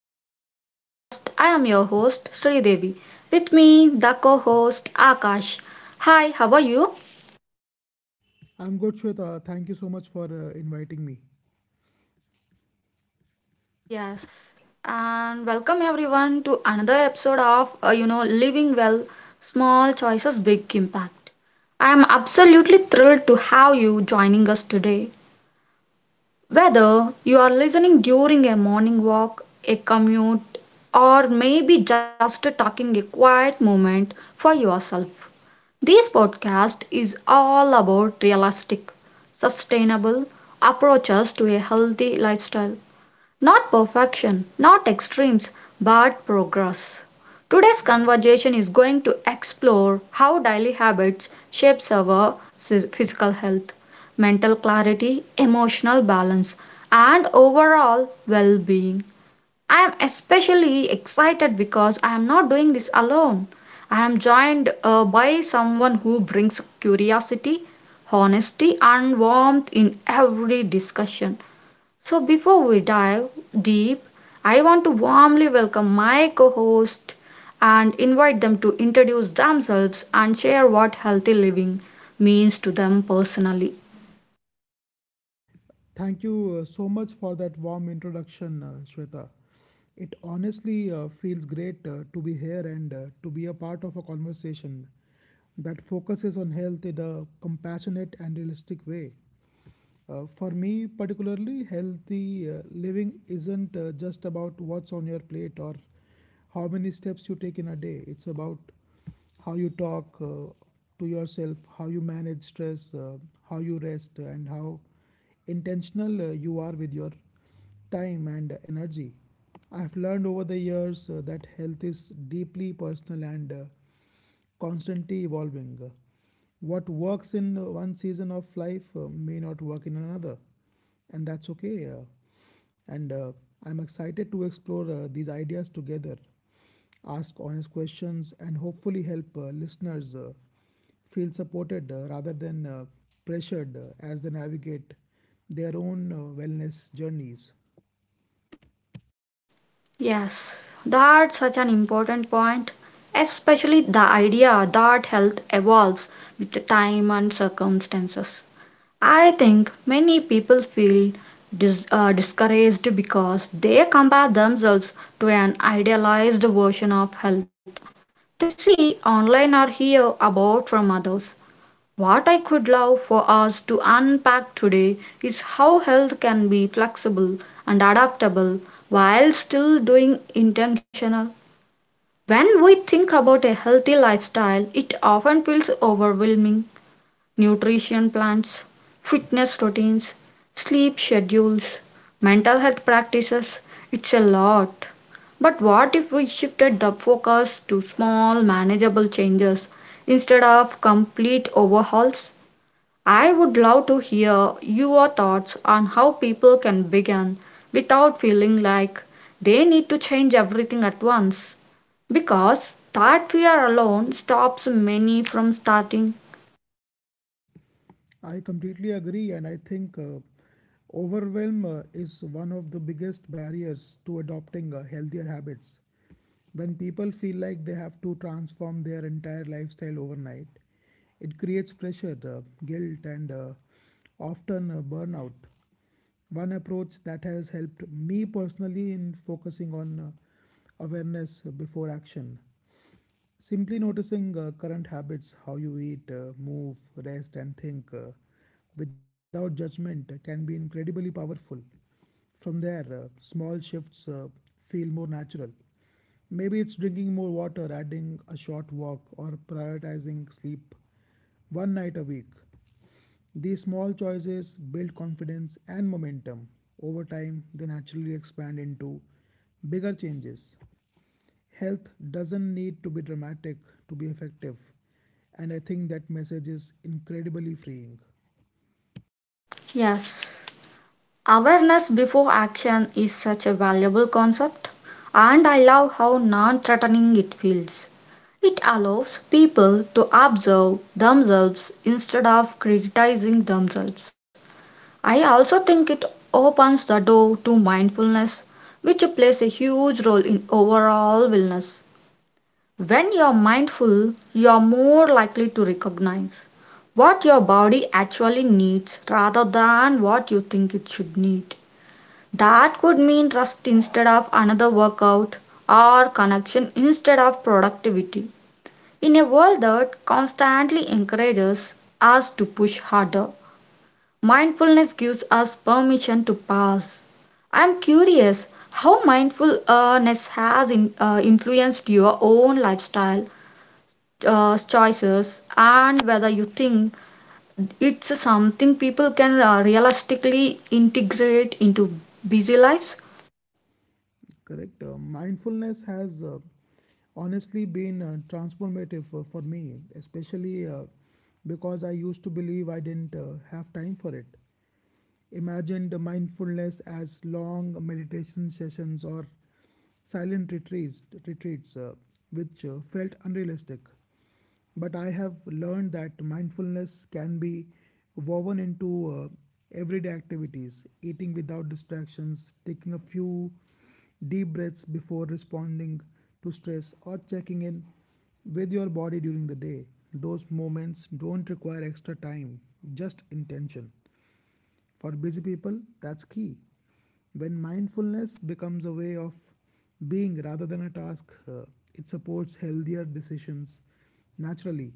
back to the podcast. I am your host Sri Devi. With me, the co-host Akash. Hi, how are you? I'm good, Shweta. Thank you so much for inviting me. Yes, and welcome everyone to another episode of Living Well, Small Choices, Big Impact. I am absolutely thrilled to have you joining us today. Whether you are listening during a morning walk, a commute, or maybe just taking a quiet moment for yourself, this podcast is all about realistic, sustainable approaches to a healthy lifestyle. Not perfection, not extremes, but progress. Today's conversation is going to explore how daily habits shapes our physical health, mental clarity, emotional balance, and overall well-being. I am especially excited because I am not doing this alone. I am joined by someone who brings curiosity, honesty, and warmth in every discussion. So, before we dive deep, I want to warmly welcome my co host and invite them to introduce themselves and share what healthy living means to them personally. Thank you so much for that warm introduction, Shweta. It honestly feels great to be here and to be a part of a conversation that focuses on health in a compassionate and realistic way. For me, particularly, healthy living isn't just about what's on your plate or how many steps you take in a day. It's about how you talk to yourself, how you manage stress, how you rest, and how intentional you are with your time and energy. I've learned over the years that health is deeply personal and constantly evolving. What works in one season of life may not work in another, and that's okay. And I'm excited to explore these ideas together, ask honest questions, and hopefully help listeners feel supported rather than pressured as they navigate their own wellness journeys. Yes, that's such an important point, especially the idea that health evolves with the time and circumstances. I think many people feel discouraged because they compare themselves to an idealized version of health they see online or hear about from others. What I could love for us to unpack today is how health can be flexible and adaptable while still doing intentional. When we think about a healthy lifestyle, it often feels overwhelming. Nutrition plans, fitness routines, sleep schedules, mental health practices, it's a lot. But what if we shifted the focus to small, manageable changes instead of complete overhauls? I would love to hear your thoughts on how people can begin without feeling like they need to change everything at once because that fear alone stops many from starting. I completely agree, and I think overwhelm is one of the biggest barriers to adopting healthier habits. When people feel like they have to transform their entire lifestyle overnight, it creates pressure, guilt, and often burnout. One approach that has helped me personally in focusing on awareness before action. Simply noticing current habits, how you eat, move, rest, and think without judgment can be incredibly powerful. From there, small shifts feel more natural. Maybe it's drinking more water, adding a short walk, or prioritizing sleep one night a week. These small choices build confidence and momentum. Over time, they naturally expand into bigger changes. Health doesn't need to be dramatic to be effective. And I think that message is incredibly freeing. Yes. Awareness before action is such a valuable concept, and I love how non threatening it feels. It allows people to observe themselves instead of criticizing themselves. I also think it opens the door to mindfulness, which plays a huge role in overall wellness. When you're mindful, you're more likely to recognize what your body actually needs rather than what you think it should need. That could mean rest instead of another workout or connection instead of productivity. In a world that constantly encourages us to push harder, mindfulness gives us permission to pause. I am curious how mindfulness has influenced your own lifestyle choices and whether you think it's something people can realistically integrate into busy lives. Correct. Mindfulness has honestly been transformative for me, especially because I used to believe I didn't have time for it. Imagined mindfulness as long meditation sessions or silent retreats, which felt unrealistic. But I have learned that mindfulness can be woven into everyday activities, eating without distractions, taking a few deep breaths before responding to stress, or checking in with your body during the day. Those moments don't require extra time, just intention. For busy people, that's key. When mindfulness becomes a way of being rather than a task, it supports healthier decisions naturally.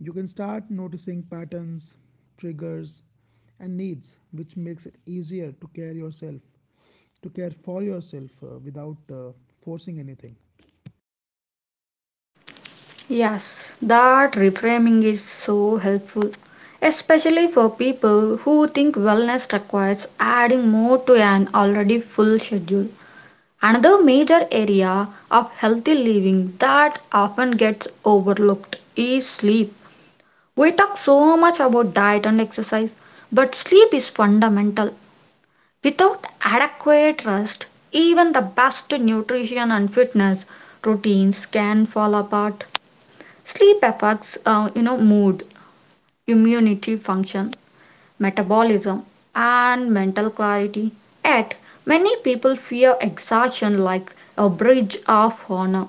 You can start noticing patterns, triggers, and needs, which makes it easier to care for yourself without forcing anything. Yes, that reframing is so helpful, especially for people who think wellness requires adding more to an already full schedule. Another major area of healthy living that often gets overlooked is sleep. We talk so much about diet and exercise, but sleep is fundamental. Without adequate rest, even the best nutrition and fitness routines can fall apart. Sleep affects, mood, immunity function, metabolism, and mental clarity. Yet, many people fear exhaustion like a bridge of honor.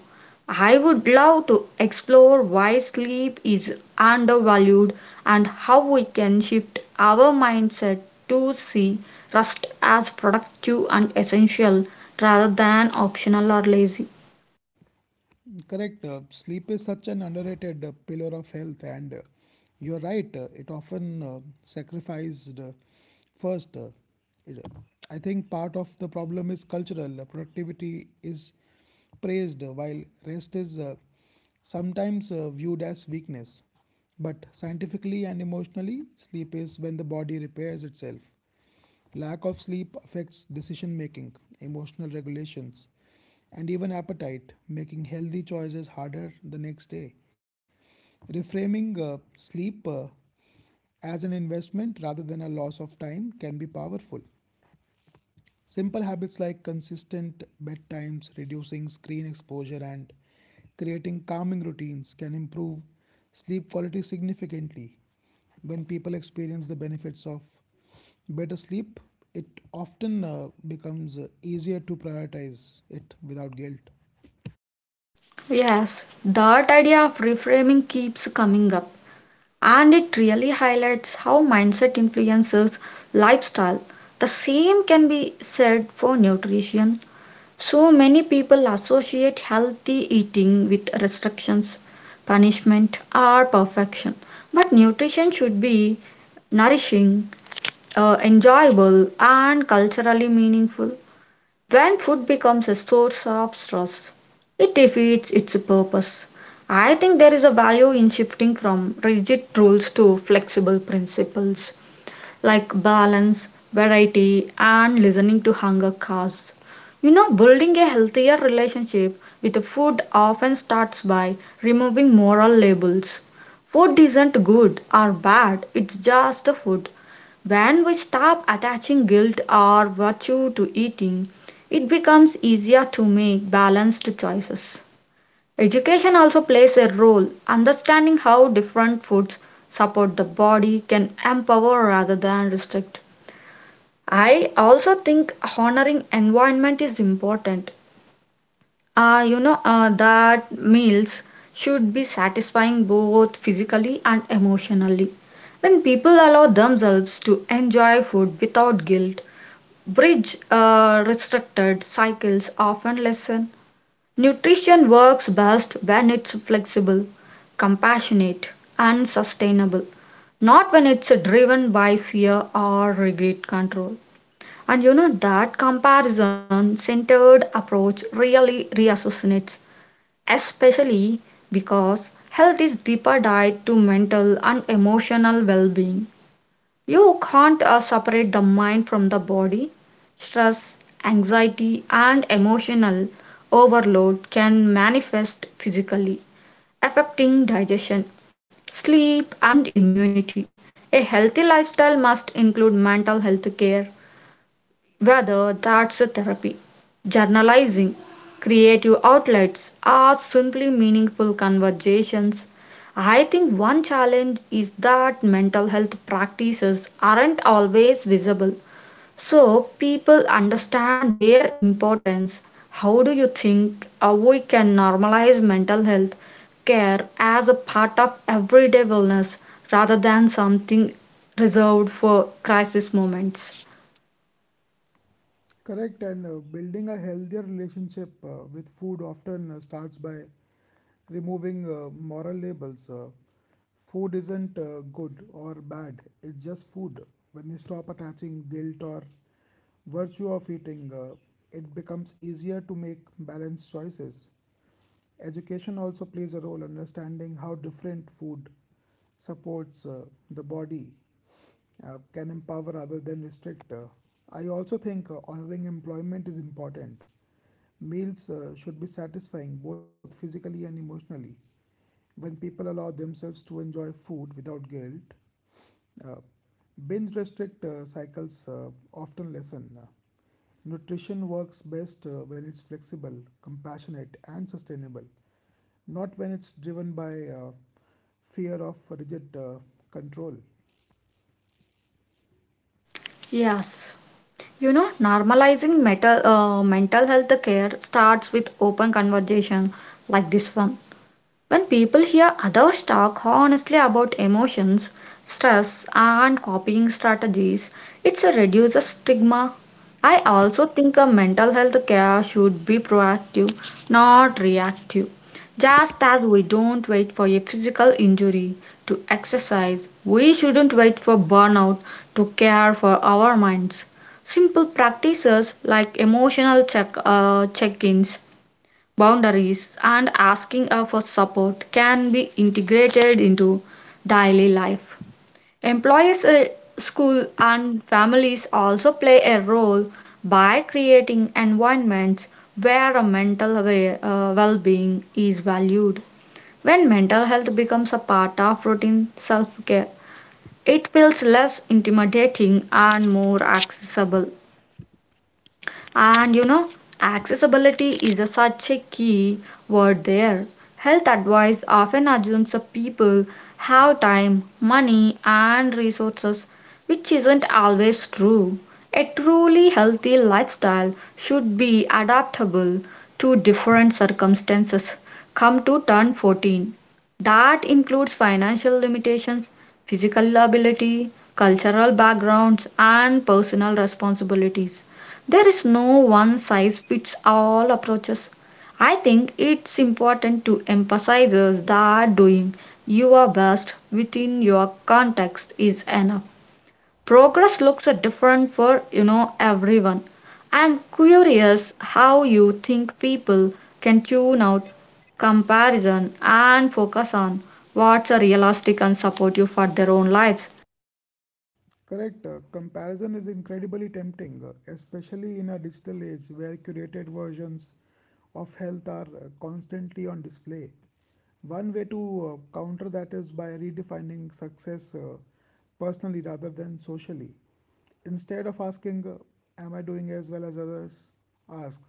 I would love to explore why sleep is undervalued and how we can shift our mindset to see rest as productive and essential rather than optional or lazy. Correct. Sleep is such an underrated pillar of health, and you're right. It often sacrificed first. It- I think part of the problem is cultural. Productivity is praised, while rest is sometimes viewed as weakness. But scientifically and emotionally, sleep is when the body repairs itself. Lack of sleep affects decision making, emotional regulations, and even appetite, making healthy choices harder the next day. Reframing sleep as an investment rather than a loss of time can be powerful. Simple habits like consistent bedtimes, reducing screen exposure, and creating calming routines can improve sleep quality significantly. When people experience the benefits of better sleep, it often becomes easier to prioritize it without guilt. Yes, that idea of reframing keeps coming up, and it really highlights how mindset influences lifestyle. The same can be said for nutrition. So many people associate healthy eating with restrictions, punishment, or perfection. But nutrition should be nourishing, enjoyable, and culturally meaningful. When food becomes a source of stress, it defeats its purpose. I think there is a value in shifting from rigid rules to flexible principles like balance, variety, and listening to hunger calls. You know, building a healthier relationship with food often starts by removing moral labels. Food isn't good or bad, it's just the food. When we stop attaching guilt or virtue to eating, it becomes easier to make balanced choices. Education also plays a role. Understanding how different foods support the body can empower rather than restrict. I also think honoring environment is important. That meals should be satisfying both physically and emotionally. When people allow themselves to enjoy food without guilt, bridge restricted cycles often lessen. Nutrition works best when it's flexible, compassionate, and sustainable, not when it's driven by fear or rigid control. And you know that comparison centered approach really reassassinates, especially because health is deeper tied to mental and emotional well being. You can't separate the mind from the body. Stress, anxiety, and emotional overload can manifest physically, affecting digestion, sleep, and immunity. A healthy lifestyle must include mental health care, whether that's a therapy, journalizing, creative outlets, or simply meaningful conversations. I think one challenge is that mental health practices aren't always visible, so people understand their importance. How do you think we can normalize mental health care as a part of everyday wellness rather than something reserved for crisis moments? Correct, and building a healthier relationship with food often starts by removing moral labels. Food isn't good or bad, it's just food. When you stop attaching guilt or virtue of eating, it becomes easier to make balanced choices. Education also plays a role in understanding how different food supports the body can empower rather than restrict. I also think honoring employment is important. Meals should be satisfying both physically and emotionally. When people allow themselves to enjoy food without guilt, uh, binge restrict cycles often lessen. Nutrition works best when it's flexible, compassionate, and sustainable, not when it's driven by fear of rigid control. Yes. You know, normalizing mental health care starts with open conversation like this one. When people hear others talk honestly about emotions, stress, and coping strategies, it reduces stigma. I also think a mental health care should be proactive, not reactive. Just as we don't wait for a physical injury to exercise, we shouldn't wait for burnout to care for our minds. Simple practices like emotional check-ins, boundaries, and asking for support can be integrated into daily life. Employers, school, and families also play a role by creating environments where a mental well-being is valued. When mental health becomes a part of routine self-care, it feels less intimidating and more accessible. And you know, accessibility is such a key word there. Health advice often assumes that people have time, money, and resources, which isn't always true. A truly healthy lifestyle should be adaptable to different circumstances, come to turn 14, that includes financial limitations, physical ability, cultural backgrounds, and personal responsibilities. There is no one size fits all approaches. I think it's important to emphasize that doing your best within your context is enough. Progress looks different for you know everyone. I'm curious how you think people can tune out comparison and focus on what's realistic and supportive for their own lives. Correct. Comparison is incredibly tempting, especially in a digital age where curated versions of health are constantly on display. One way to counter that is by redefining success personally rather than socially. Instead of asking, "Am I doing as well as others?" ask,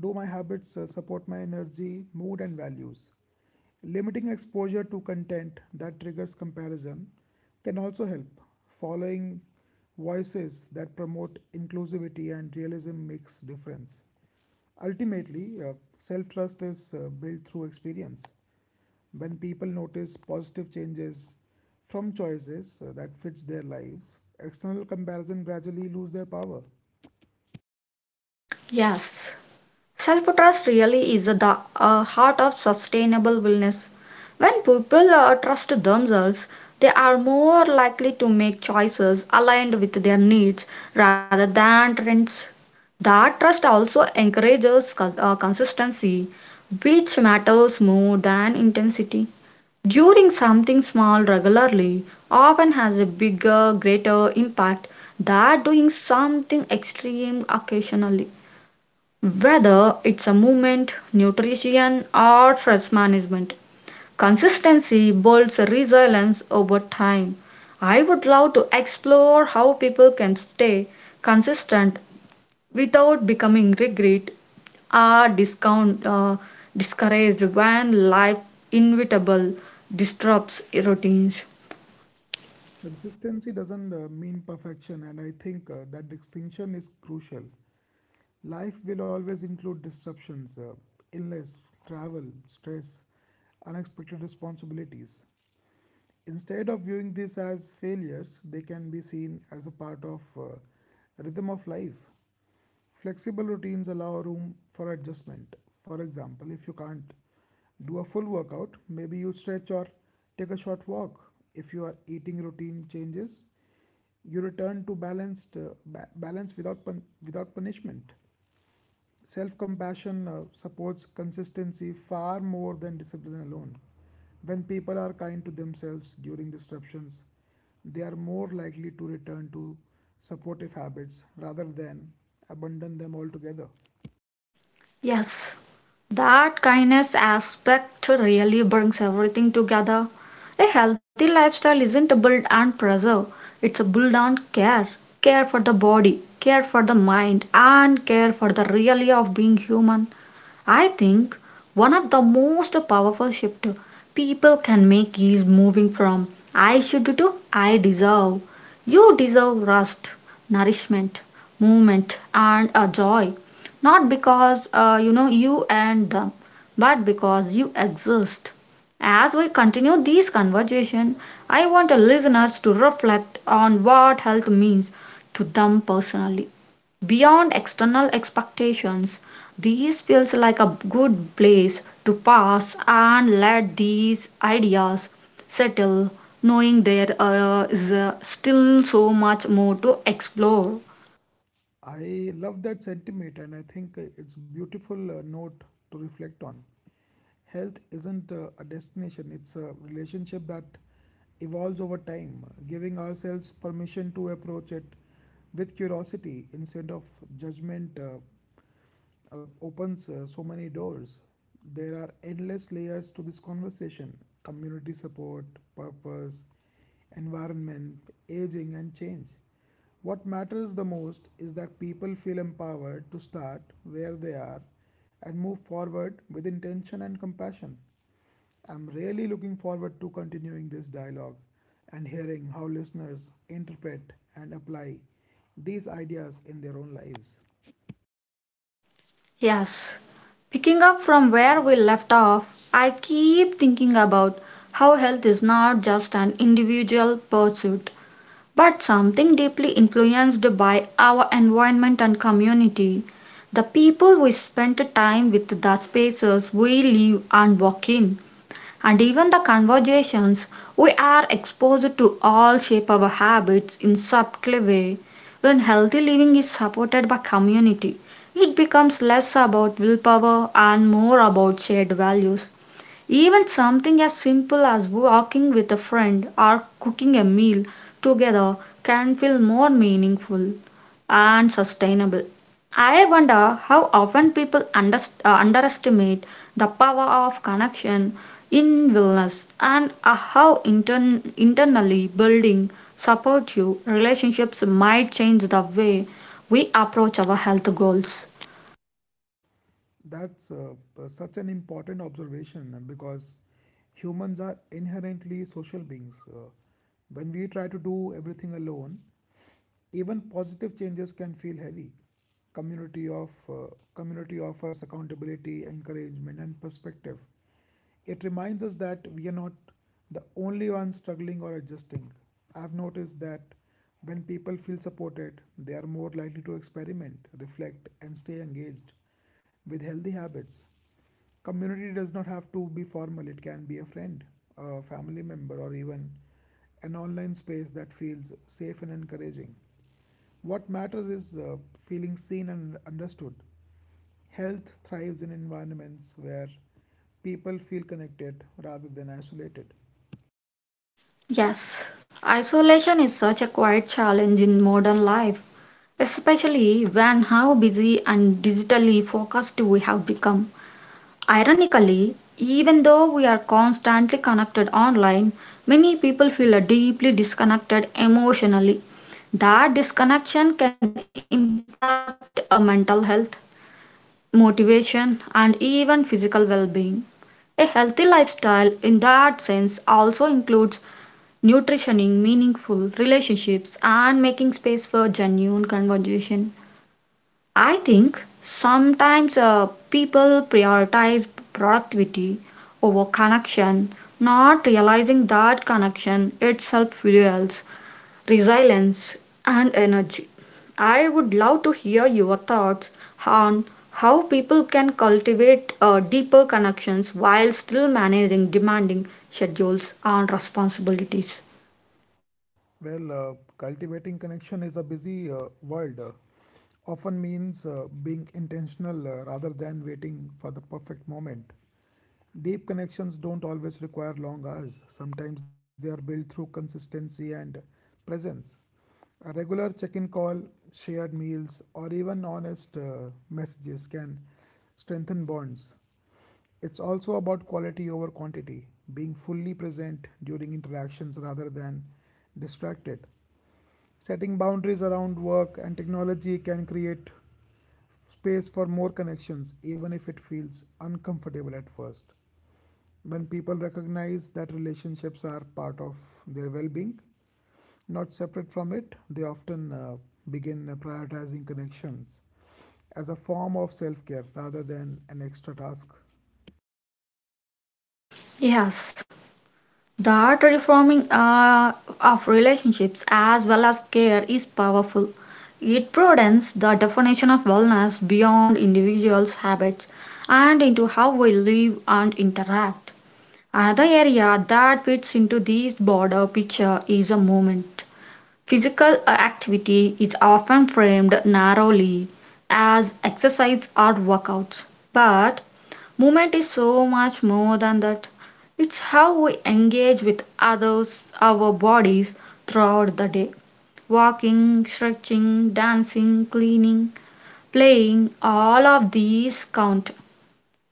"Do my habits support my energy, mood, and values?" Limiting exposure to content that triggers comparison can also help. Following voices that promote inclusivity and realism makes difference. Ultimately, self-trust is built through experience. When people notice positive changes from choices that fits their lives, external comparison gradually lose their power. Yes. Self trust really is the heart of sustainable wellness. When people trust themselves, they are more likely to make choices aligned with their needs rather than trends. That trust also encourages consistency, which matters more than intensity. Doing something small regularly often has a bigger, greater impact than doing something extreme occasionally. Whether it's a movement, nutrition, or stress management, consistency builds resilience over time. I would love to explore how people can stay consistent without becoming or discount, uh, discouraged when life inevitable disrupts routines. Consistency doesn't mean perfection, and I think that distinction is crucial. Life will always include disruptions, illness, travel, stress, unexpected responsibilities. Instead of viewing this as failures, they can be seen as a part of rhythm of life. Flexible routines allow room for adjustment. For example, if you can't do a full workout, maybe you stretch or take a short walk. If your eating routine changes, you return to balanced balance without punishment. Self compassion supports consistency far more than discipline alone. When people are kind to themselves during disruptions, they are more likely to return to supportive habits rather than abandon them altogether. Yes, that kindness aspect really brings everything together. A healthy lifestyle isn't a build and preserve, it's a build on care. Care for the body, care for the mind, and care for the reality of being human. I think one of the most powerful shift people can make is moving from I should to I deserve. You deserve rest, nourishment, movement, and a joy. Not because you and them, but because you exist. As we continue this conversation, I want the listeners to reflect on what health means to them personally. Beyond external expectations, this feels like a good place to pause and let these ideas settle, knowing there is still so much more to explore. I love that sentiment and I think it's a beautiful note to reflect on. Health isn't a destination, it's a relationship that evolves over time, giving ourselves permission to approach it with curiosity instead of judgment. Opens so many doors. There are endless layers to this conversation: community support, purpose, environment, aging, and change. What matters the most is that people feel empowered to start where they are and move forward with intention and compassion. I'm really looking forward to continuing this dialogue and hearing how listeners interpret and apply these ideas in their own lives. Yes. Picking up from where we left off, I keep thinking about how health is not just an individual pursuit, but something deeply influenced by our environment and community. The people we spend time with, the spaces we live and work in, and even the conversations we are exposed to all shape our habits in subtle way. When healthy living is supported by community, it becomes less about willpower and more about shared values. Even something as simple as walking with a friend or cooking a meal together can feel more meaningful and sustainable. I wonder how often people underestimate the power of connection in wellness, and how internally building supportive relationships might change the way we approach our health goals. That's such an important observation because humans are inherently social beings. When we try to do everything alone, even positive changes can feel heavy. Community of uh, community offers accountability, encouragement, and perspective. It reminds us that we are not the only ones struggling or adjusting. I've noticed that when people feel supported, they are more likely to experiment, reflect, and stay engaged with healthy habits. Community does not have to be formal, it can be a friend, a family member, or even an online space that feels safe and encouraging. What matters is feeling seen and understood. Health thrives in environments where people feel connected rather than isolated. Yes, isolation is such a quiet challenge in modern life, especially when how busy and digitally focused we have become. Ironically, even though we are constantly connected online, many people feel deeply disconnected emotionally. That disconnection can impact our mental health, motivation, and even physical well being. A healthy lifestyle, in that sense, also includes nutritioning meaningful relationships and making space for genuine conversation. I think sometimes people prioritize productivity over connection, not realizing that connection itself fuels resilience and energy. I would love to hear your thoughts on how people can cultivate deeper connections while still managing demanding schedules and responsibilities. Well, cultivating connection is a busy world often means being intentional rather than waiting for the perfect moment. Deep connections don't always require long hours. Sometimes they are built through consistency and presence. A regular check in call, shared meals, or even honest messages can strengthen bonds. It's also about quality over quantity, being fully present during interactions rather than distracted. Setting boundaries around work and technology can create space for more connections, even if it feels uncomfortable at first. When people recognize that relationships are part of their well being, not separate from it, they often begin prioritizing connections as a form of self care rather than an extra task. Yes, the art reforming of relationships as well as care is powerful. It broadens the definition of wellness beyond individuals' habits and into how we live and interact. Another area that fits into this broader picture is a movement. Physical activity is often framed narrowly as exercise or workouts, but movement is so much more than that. It's how we engage with others, our bodies throughout the day. Walking, stretching, dancing, cleaning, playing, all of these count.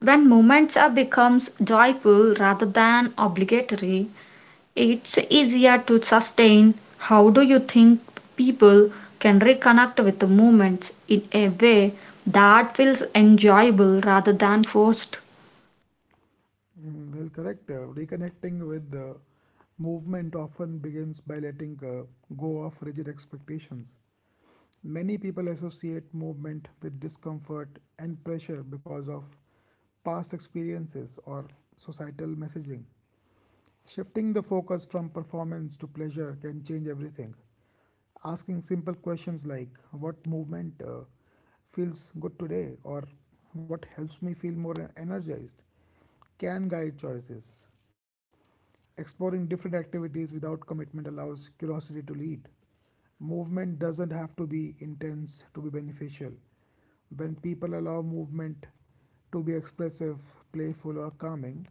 When movements are becomes joyful rather than obligatory, it's easier to sustain. How do you think people can reconnect with the movements in a way that feels enjoyable rather than forced? Mm, well, correct. Reconnecting with the movement often begins by letting go of rigid expectations. Many people associate movement with discomfort and pressure because of past experiences or societal messaging. Shifting the focus from performance to pleasure can change everything. Asking simple questions like what movement feels good today or what helps me feel more energized can guide choices. Exploring different activities without commitment allows curiosity to lead. Movement doesn't have to be intense to be beneficial. When people allow movement to be expressive, playful, or calming,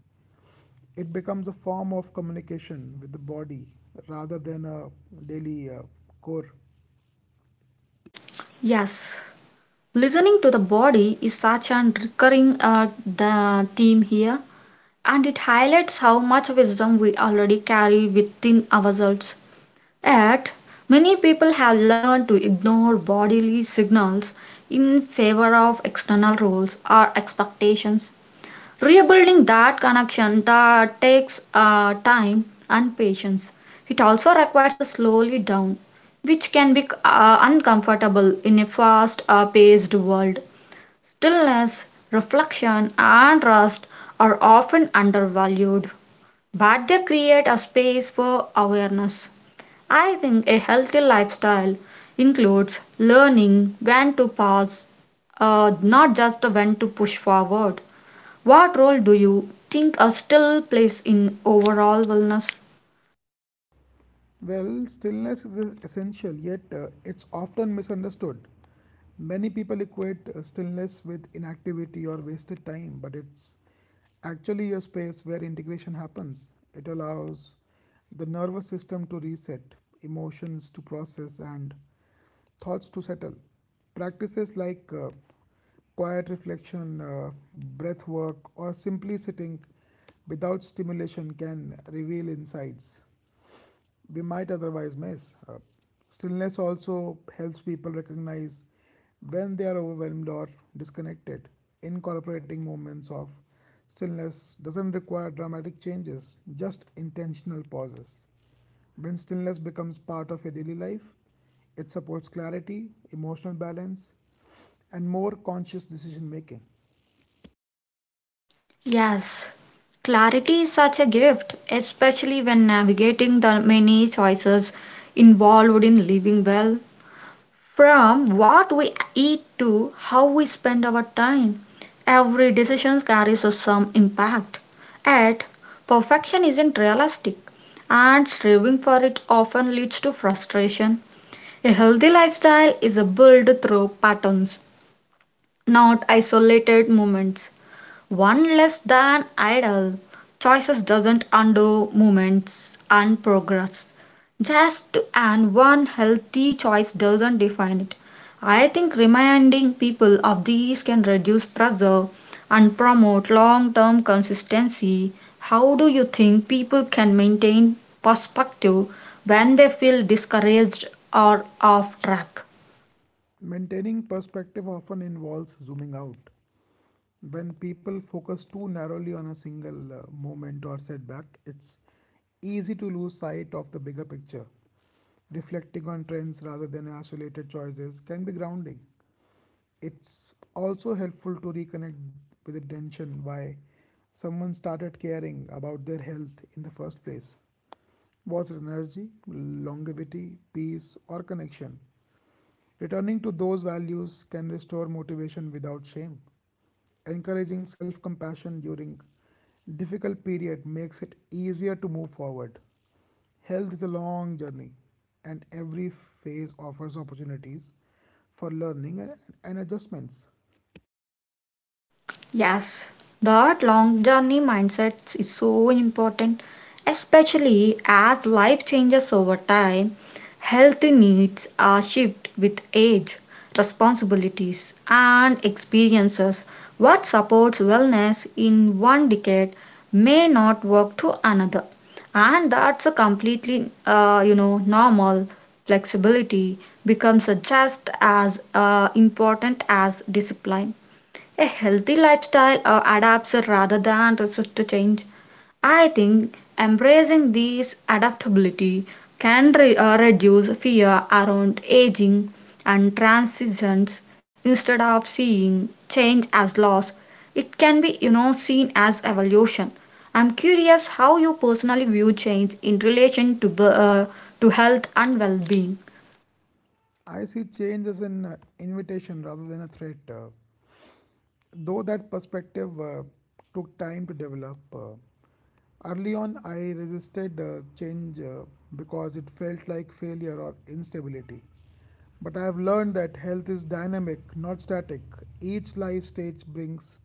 it becomes a form of communication with the body rather than a daily core. Yes, listening to the body is such a recurring the theme here, and it highlights how much wisdom we already carry within ourselves. Yet, many people have learned to ignore bodily signals in favor of external rules or expectations. Rebuilding that connection that takes time and patience. It also requires a slowly down, which can be uncomfortable in a fast-paced world. Stillness, reflection, and rest are often undervalued, but they create a space for awareness. I think a healthy lifestyle includes learning when to pause, not just when to push forward. What role do you think a still plays in overall wellness? Well, stillness is essential, yet it's often misunderstood. Many people equate stillness with inactivity or wasted time, but it's actually a space where integration happens. It allows the nervous system to reset, emotions to process, and thoughts to settle. Practices like quiet reflection, breath work, or simply sitting without stimulation can reveal insights we might otherwise miss. Stillness also helps people recognize when they are overwhelmed or disconnected. Incorporating moments of stillness doesn't require dramatic changes, just intentional pauses. When stillness becomes part of your daily life, it supports clarity, emotional balance, and more conscious decision making. Yes, clarity is such a gift, especially when navigating the many choices involved in living well. From what we eat to how we spend our time, every decision carries a some impact. Yet, perfection isn't realistic, and striving for it often leads to frustration. A healthy lifestyle is a built through patterns, not isolated moments. One less than idle choices doesn't undo movements and progress. Just and one healthy choice doesn't define it. I think reminding people of these can reduce pressure and promote long term consistency. How do you think people can maintain perspective when they feel discouraged or off track? Maintaining perspective often involves zooming out. When people focus too narrowly on a single moment or setback, it's easy to lose sight of the bigger picture. Reflecting on trends rather than isolated choices can be grounding. It's also helpful to reconnect with the intention why someone started caring about their health in the first place. Was it energy, longevity, peace, or connection? Returning to those values can restore motivation without shame. Encouraging self compassion during difficult period makes it easier to move forward. Health is a long journey, and every phase offers opportunities for learning and adjustments. Yes, that long journey mindset is so important, especially as life changes over time. Health needs are shift with age, responsibilities, and experiences. What supports wellness in one decade may not work to another, and that's a completely, normal. Flexibility becomes just as important as discipline. A healthy lifestyle adapts rather than resist to change. I think embracing this adaptability can reduce fear around aging and transitions instead of seeing change as loss. It can be, you know, seen as evolution. I'm curious how you personally view change in relation to, to health and well being. I see change as an invitation rather than a threat. Though that perspective took time to develop, early on I resisted change because it felt like failure or instability. But I have learned that health is dynamic, not static. Each life stage brings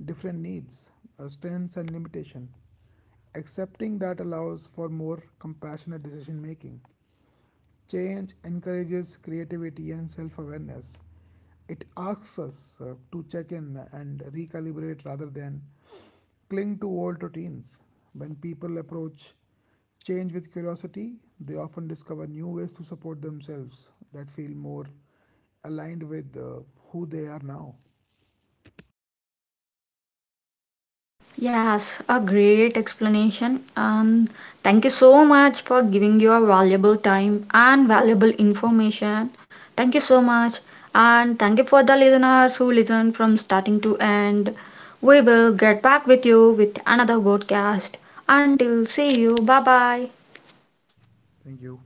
different needs, strengths, and limitations. Accepting that allows for more compassionate decision making. Change encourages creativity and self awareness. It asks us to check in and recalibrate rather than cling to old routines. When people approach change with curiosity, they often discover new ways to support themselves that feel more aligned with who they are now. Yes, a great explanation. And thank you so much for giving your valuable time and valuable information. Thank you so much. And thank you for the listeners who listen from starting to end. We will get back with you with another podcast. Until see you. Bye bye. Thank you.